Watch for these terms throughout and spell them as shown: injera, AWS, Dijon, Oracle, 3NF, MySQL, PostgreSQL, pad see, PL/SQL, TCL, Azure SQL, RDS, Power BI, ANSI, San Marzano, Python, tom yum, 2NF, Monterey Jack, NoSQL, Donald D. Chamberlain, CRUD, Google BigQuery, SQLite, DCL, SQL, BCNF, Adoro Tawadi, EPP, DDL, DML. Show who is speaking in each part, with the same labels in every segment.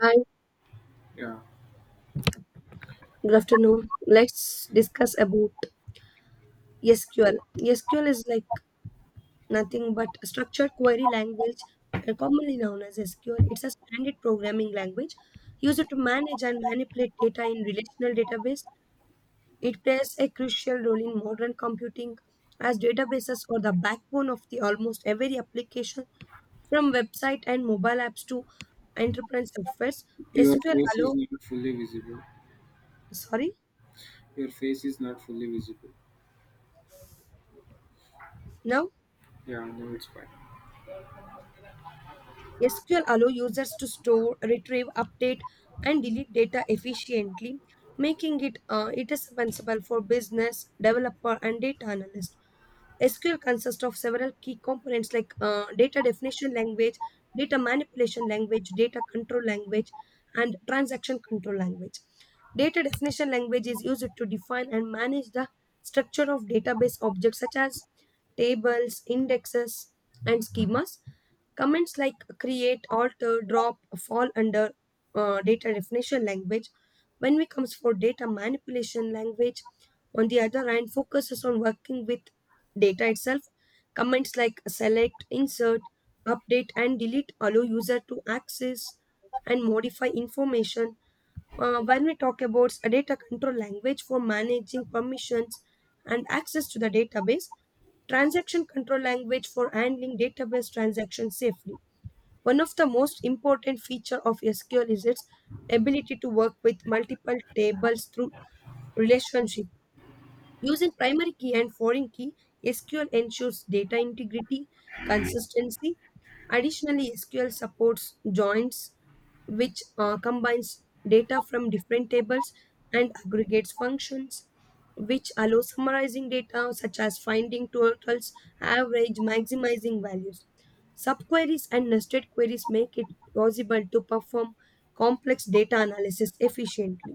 Speaker 1: Hi,
Speaker 2: Yeah.
Speaker 1: good afternoon. Let's discuss about SQL. SQL is like nothing but a structured query language, commonly known as SQL. It's a standard programming language used to manage and manipulate data in relational database. It plays a crucial role in modern computing as databases are the backbone of the almost every application from website and mobile apps to enterprise softwares.
Speaker 2: Your
Speaker 1: SQL
Speaker 2: face
Speaker 1: allow
Speaker 2: is not fully visible.
Speaker 1: sorry,
Speaker 2: Your face is not fully visible.
Speaker 1: Now
Speaker 2: Yeah, no, it's fine.
Speaker 1: SQL allows users to store, retrieve, update, and delete data efficiently, making it indispensable for business developer and data analyst. SQL consists of several key components like data definition language, data manipulation language, data control language, and transaction control language. Data definition language is used to define and manage the structure of database objects such as tables, indexes, and schemas. Comments like create, alter, drop fall under data definition language. When we comes for data manipulation language, on the other hand, focuses on working with data itself, commands like select, insert, update, and delete allow user to access and modify information. When we talk about a data control language for managing permissions and access to the database, transaction control language for handling database transactions safely. One of the most important feature of SQL is its ability to work with multiple tables through relationship. Using primary key and foreign key, SQL ensures data integrity, consistency. Additionally, SQL supports joins, which combines data from different tables and aggregates functions, which allow summarizing data such as finding totals, average, maximizing values. Subqueries and nested queries make it possible to perform complex data analysis efficiently.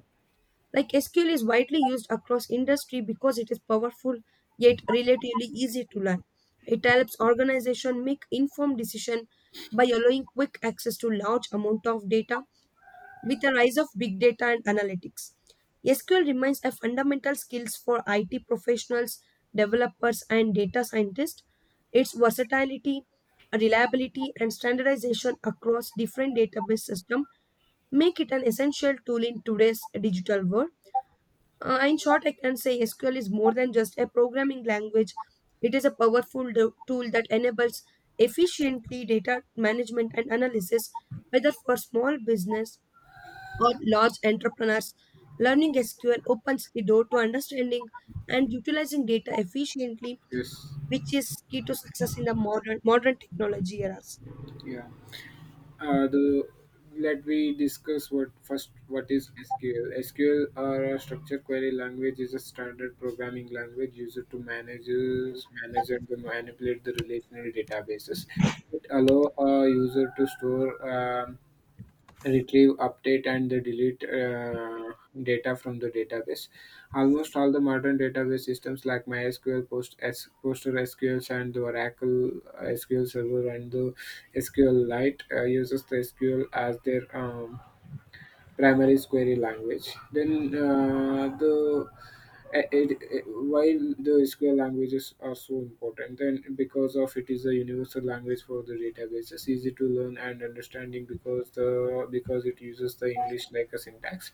Speaker 1: Like SQL is widely used across industry because it is powerful yet relatively easy to learn. It helps organization make informed decision by allowing quick access to large amount of data with the rise of big data and analytics. SQL remains a fundamental skills for IT professionals, developers and data scientists. Its versatility, reliability and standardization across different database systems make it an essential tool in today's digital world. In short, I can say SQL is more than just a programming language. It is a powerful tool that enables efficiently data management and analysis, whether for small business or large entrepreneurs. Learning SQL opens the door to understanding and utilizing data efficiently,
Speaker 2: Yes.
Speaker 1: which is key to success in the modern technology era.
Speaker 2: Yeah. The let me discuss what first what is SQL. SQL or a structured query language is a standard programming language used to manage and manipulate the relational databases. It allow a user to store retrieve, update, and the delete data from the database. Almost all the modern database systems like MySQL, Post, S, PostgreSQL, and the Oracle SQL Server and the SQLite uses the SQL as their primary query language. Then the it, it, it- while the SQL languages are so important, then because of it is a universal language for the databases, easy to learn and understanding, because the because it uses the English like a syntax.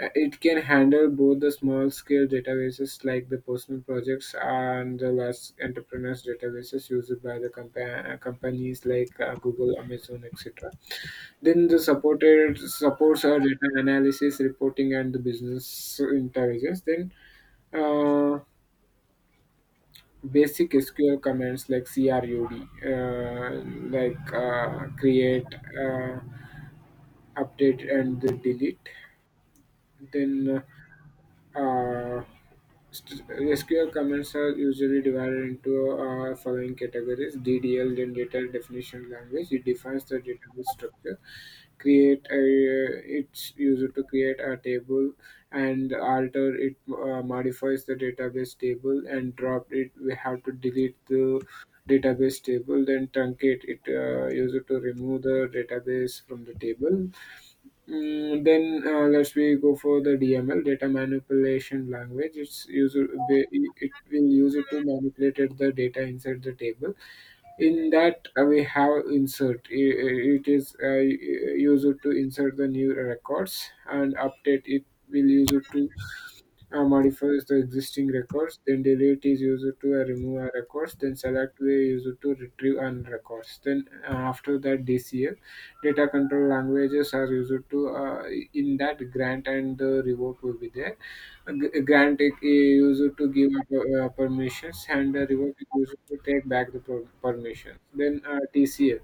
Speaker 2: It can handle both the small scale databases like the personal projects and the large entrepreneurs databases used by the companies like Google, Amazon, etc. Then the supported supports our data analysis, reporting, and the business intelligence. Then uh, basic SQL commands like CRUD, create, update, and the delete. Then uh, Uh, st- SQL comments are usually divided into following categories: DDL, then data definition language. It defines the database structure. Create a, it's used to create a table, and alter it, modifies the database table, and drop it, we have to delete the database table, then truncate it, used to remove the database from the table. Mm, then let's we go for the DML, data manipulation language. It will use it to manipulate the data inside the table. In that we have insert. It is used to insert the new records, and update, it will use it to modifies the existing records, then delete is used to remove a records, then select we used to retrieve and records. Then after that DCL, data control languages are used to, in that grant and the revoke will be there. Grant a user to give up permissions, and revoke is user to take back the permissions. Then TCL.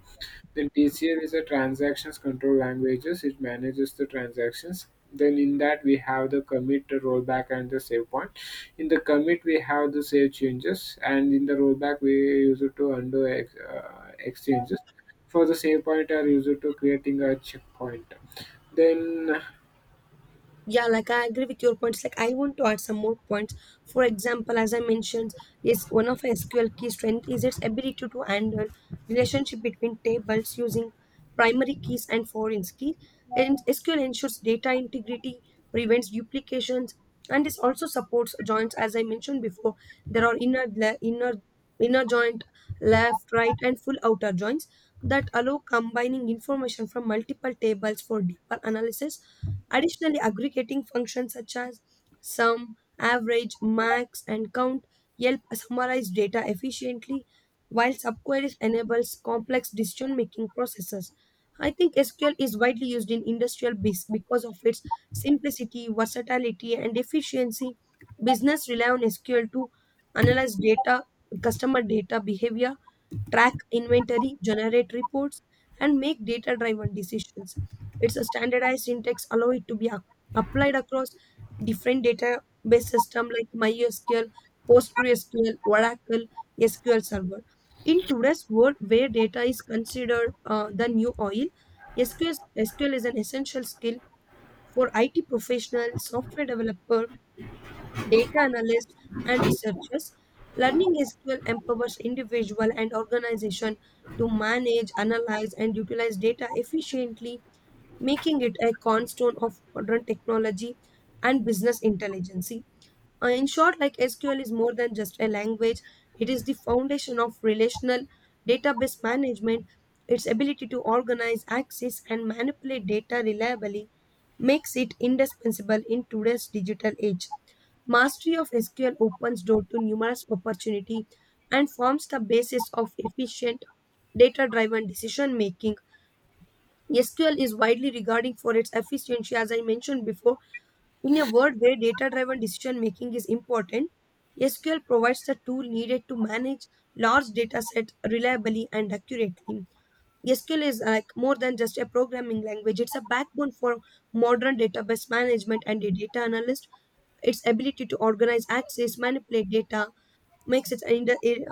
Speaker 2: Then TCL is a transactions control languages. It manages the transactions. Then in that we have the commit, the rollback, and the save point. In the commit we have the save changes, and in the rollback we use it to undo exchanges. For the save point, are used to creating a checkpoint. Then
Speaker 1: Yeah, like I agree with your points. Like I want to add some more points. For example, as I mentioned, yes, one of SQL key strength is its ability to handle relationship between tables using primary keys and foreign key. And SQL ensures data integrity, prevents duplications, and this also supports joins. As I mentioned before, there are inner le- inner inner joint, left, right, and full outer joints that allow combining information from multiple tables for deeper analysis. Additionally, aggregating functions such as sum, average, max, and count help summarize data efficiently, while subqueries enables complex decision-making processes. I think SQL is widely used in industrial biz because of its simplicity, versatility, and efficiency. Business rely on SQL to analyze data, customer data behavior, track inventory, generate reports, and make data driven decisions. It's a standardized syntax, allow it to be applied across different database systems like MySQL, PostgreSQL, Oracle, SQL Server. In today's world where data is considered the new oil, SQL is an essential skill for IT professionals, software developers, data analysts, and researchers. Learning SQL empowers individual and organization to manage, analyze, and utilize data efficiently, making it a cornerstone of modern technology and business intelligence. In short, like SQL is more than just a language, it is the foundation of relational database management. Its ability to organize, access, and manipulate data reliably makes it indispensable in today's digital age. Mastery of SQL opens door to numerous opportunity and forms the basis of efficient data driven decision making. SQL is widely regarded for its efficiency, as I mentioned before, in a world where data driven decision making is important, SQL provides the tool needed to manage large data sets reliably and accurately. SQL is like more than just a programming language, it's a backbone for modern database management and a data analyst. Its ability to organize, access, manipulate data makes it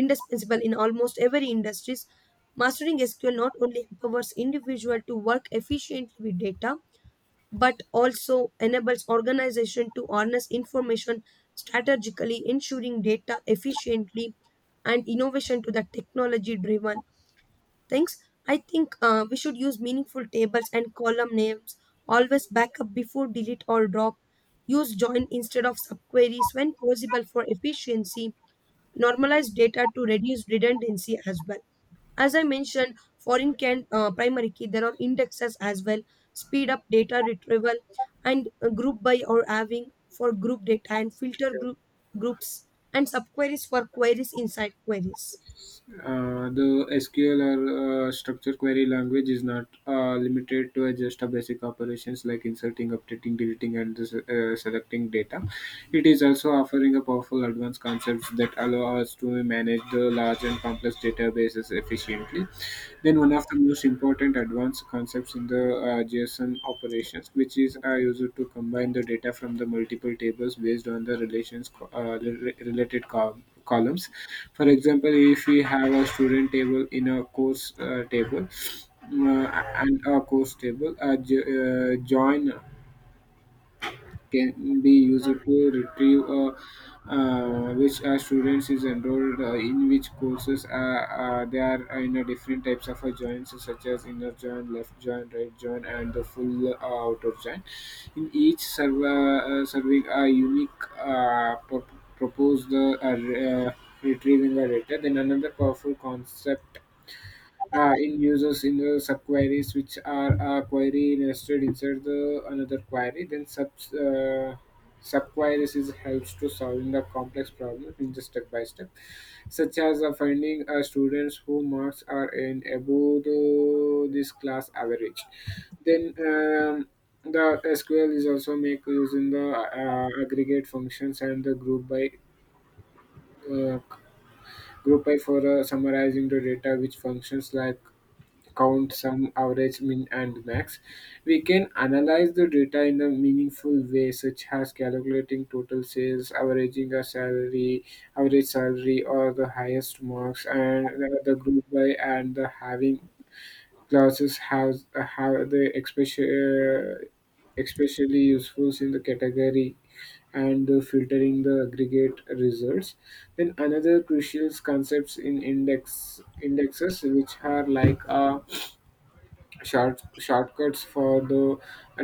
Speaker 1: indispensable in almost every industries. Mastering SQL not only empowers individual to work efficiently with data, but also enables organization to harness information strategically, ensuring data efficiently and innovation to the technology driven things. I think we should use meaningful tables and column names, always backup before delete or drop, use join instead of subqueries when possible for efficiency, normalize data to reduce redundancy as well. As I mentioned, foreign can primary key, there are indexes as well, speed up data retrieval and group by or having for group data and filter groups and subqueries for queries inside queries.
Speaker 2: The SQL, or structure query language, is not limited to just a basic operations like inserting, updating, deleting, and selecting data. It is also offering a powerful advanced concepts that allow us to manage the large and complex databases efficiently. Then one of the most important advanced concepts in the JSON operations, which is used to combine the data from the multiple tables based on the related columns. For example, if we have a student table in a course table mm, and a course table, join can be used to retrieve which a students is enrolled in which courses. They are in a different types of a joins, such as inner join, left join, right join, and the full outer join, serving a unique proposed retrieving a data. Then another powerful concept in users in the subqueries, which are a query nested inside the another query. Then subqueries is helps to solving the complex problem in the step by step, such as finding students who marks are in above this class average. Then the SQL is also make using the aggregate functions and the group by, uh, for summarizing the data, which functions like count, sum, average, min, and max. We can analyze the data in a meaningful way, such as calculating total sales, average salary, or the highest marks, and the group by and the having classes has have the especially useful in the category and filtering the aggregate results. Then another crucial concepts in indexes, which are like a shortcuts for the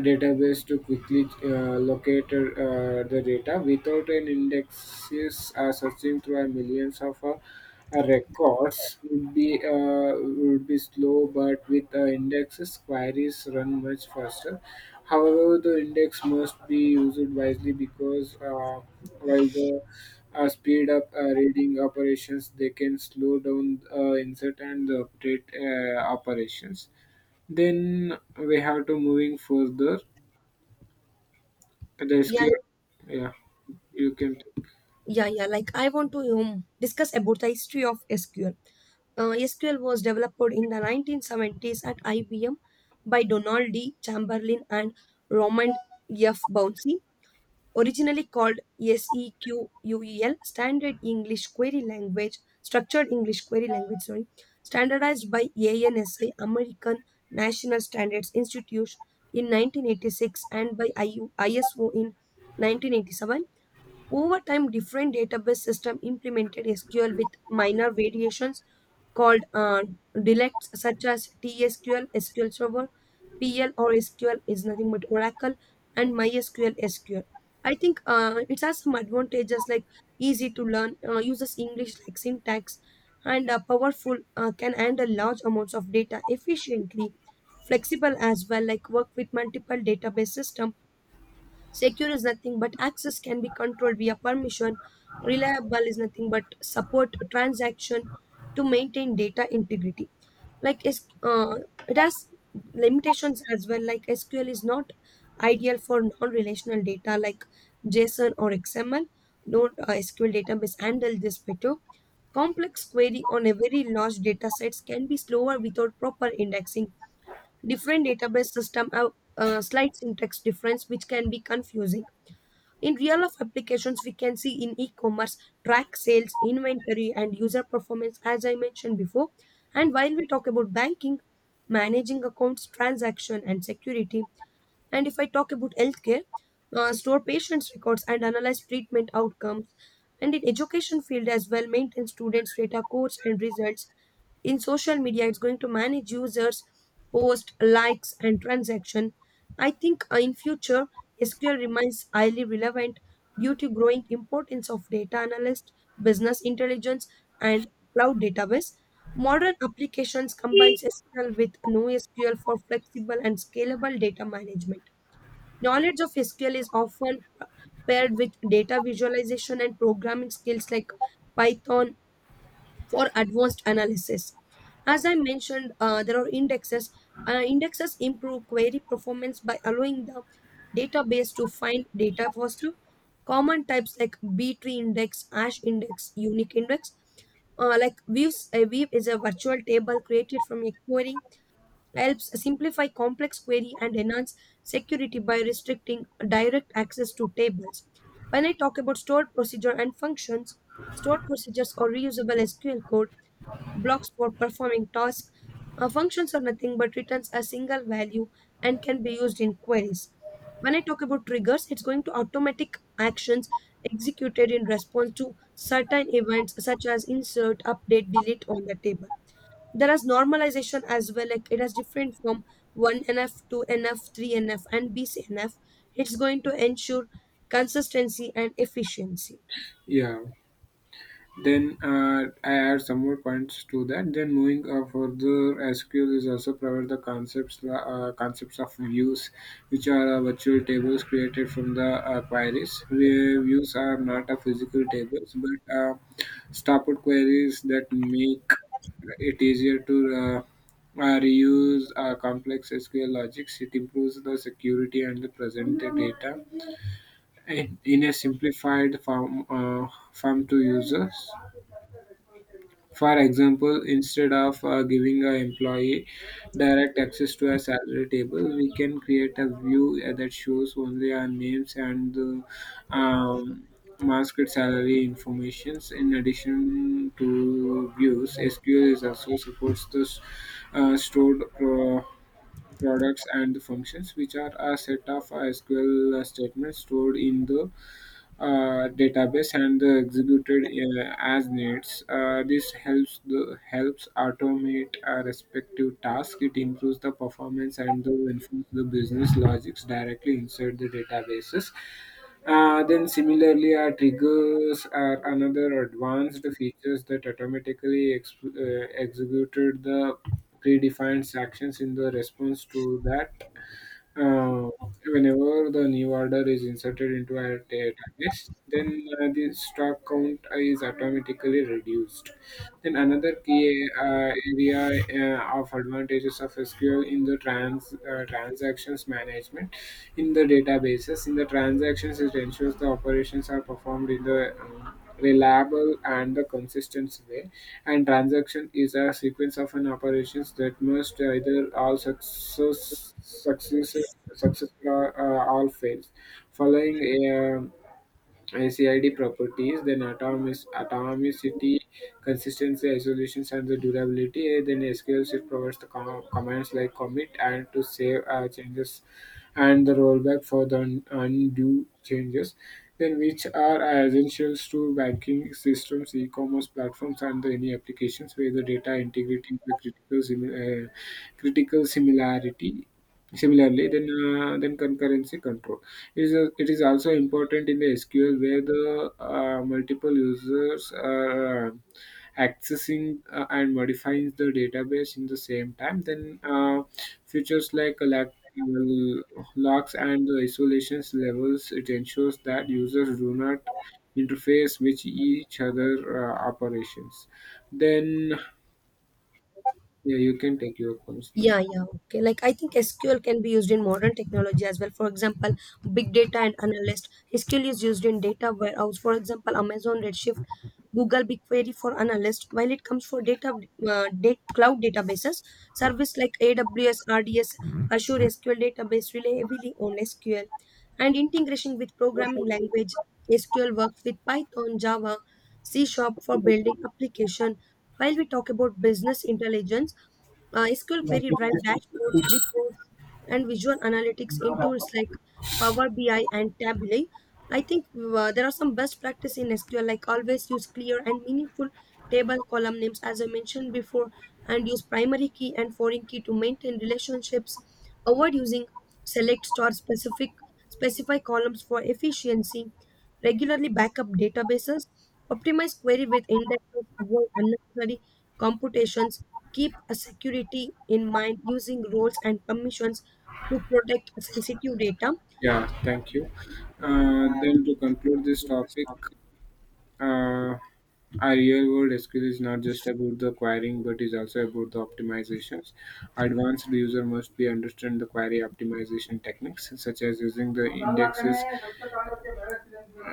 Speaker 2: database to quickly locate the data. Without an indexes, searching through a millions of records would be slow, but with indexes queries run much faster. However, the index must be used wisely, because while the speed up reading operations, they can slow down insert and the update operations. Then we have to moving further. The
Speaker 1: Yeah,
Speaker 2: SQL, yeah, you can, take.
Speaker 1: yeah, yeah. Like I want to discuss about the history of SQL. SQL was developed in the 1970s at IBM by Donald D. Chamberlain and Roman F. Bouncy. Originally called SEQUEL, Standard English Query Language, Structured English Query Language, sorry, standardized by ANSI, American National Standards Institute in 1986 and by IU ISO in 1987. Over time, different database systems implemented SQL with minor variations called dialects such as TSQL, SQL Server, PL or SQL is nothing but Oracle, and MySQL SQL. I think it has some advantages like easy to learn, uses English like syntax, and powerful, can handle large amounts of data efficiently, flexible as well, like work with multiple database systems. Secure is nothing but access can be controlled via permission. Reliable is nothing but support transaction to maintain data integrity. Like it has limitations as well. Like SQL is not ideal for non-relational data like JSON or XML. No SQL database handle this better. Complex query on a very large data sets can be slower without proper indexing. Different database system have slight syntax difference, which can be confusing. In real life applications, we can see in e commerce, track sales, inventory, and user performance, as I mentioned before. And while we talk about banking, managing accounts, transaction, and security, and if I talk about healthcare, store patients' records and analyze treatment outcomes. And in education field as well, maintain students' data, codes and results. In social media, it's going to manage users, post likes and transaction. I think in future, SQL remains highly relevant due to growing importance of data analyst, business intelligence, and cloud database. Modern applications combines SQL with NoSQL for flexible and scalable data management. Knowledge of SQL is often paired with data visualization and programming skills like Python for advanced analysis. As I mentioned, there are indexes. Indexes improve query performance by allowing the database to find data faster. Common types like B tree index, hash index, unique index. Like views, a view is a virtual table created from a query helps simplify complex query and enhance security by restricting direct access to tables. When I talk about stored procedure and functions, stored procedures are reusable SQL code blocks for performing tasks. Functions are nothing but returns a single value and can be used in queries. When I talk about triggers, it's going to automatic actions executed in response to certain events such as insert, update, delete on the table. There is normalization as well like it has different from 1NF, 2NF, 3NF and BCNF. It's going to ensure consistency and efficiency.
Speaker 2: Yeah. Then I add some more points to that. Then moving further, SQL is also provide the concepts concepts of views, which are virtual tables created from the queries. Where views are not a physical tables, but stopped queries that make it easier to reuse complex SQL logics. It improves the security and the present data in a simplified form to users. For example, instead of giving an employee direct access to a salary table, we can create a view that shows only our names and the um, masked salary informations. In addition to views, SQL is also supports the stored products and functions, which are a set of SQL statements stored in the database and the executed as needs. This helps automate a respective task. It improves the performance and the enforce the business logics directly inside the databases. Then similarly, our triggers are another advanced features that automatically executed the predefined actions in the response to that, uh, whenever the new order is inserted into a database, then the stock count is automatically reduced. Then another key area of advantages of SQL in the transactions management in the databases. In the transactions, it ensures the operations are performed in the reliable and the consistent way, and transaction is a sequence of an operations that must either all success success success all fails, following um, NCID properties, then atomicity, consistency, isolations, and the durability. Then SQL it provides the commands like commit and to save changes, and the rollback for the undue changes. Then which are essentials to banking systems, e-commerce platforms, and the any applications where the data integrity is the critical similarity. Similarly, then concurrency control. It is also important in the SQL, where the multiple users are accessing and modifying the database in the same time. Then features like locks and the isolations levels, it ensures that users do not interface with each other operations. Then yeah, you can take your points now.
Speaker 1: Yeah, yeah, okay. Like I think SQL can be used in modern technology as well. For example, big data and analyst. SQL is used in data warehouse. For example, Amazon Redshift, Google BigQuery for analyst. While it comes for data, data cloud databases, service like AWS, RDS, Azure SQL database rely heavily on SQL, and integration with programming language. SQL works with Python, Java, C Sharp for building application. While we talk about business intelligence. SQL query drive dashboards, reports, and visual analytics in tools like Power BI and Tableau. I think there are some best practice in SQL, like always use clear and meaningful table column names, as I mentioned before, and use primary key and foreign key to maintain relationships. Avoid using select star specific specify columns for efficiency. Regularly backup databases. Optimize query with indexes. Avoid unnecessary computations keep a security in mind using roles and permissions to protect sensitive data.
Speaker 2: Yeah, thank you. Then to conclude this topic, Uh, a real world skill is not just about the querying, but is also about the optimizations. Advanced user must be understand the query optimization techniques, such as using the indexes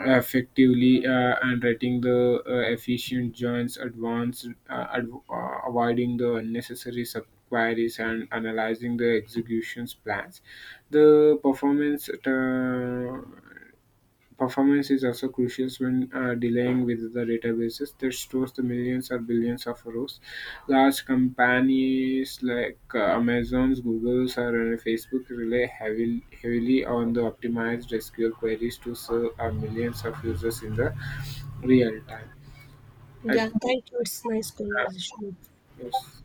Speaker 2: effectively, and writing the efficient joins advanced, avoiding the unnecessary subqueries, and analyzing the executions plans, the performance performance is also crucial when dealing with the databases that stores the millions or billions of rows. Large companies like Amazon's, Google's, or Facebook rely heavily on the optimized SQL queries to serve millions of users in the real time. I-
Speaker 1: Yeah,
Speaker 2: uh,
Speaker 1: thank you. It's nice conversation with you.
Speaker 2: yes.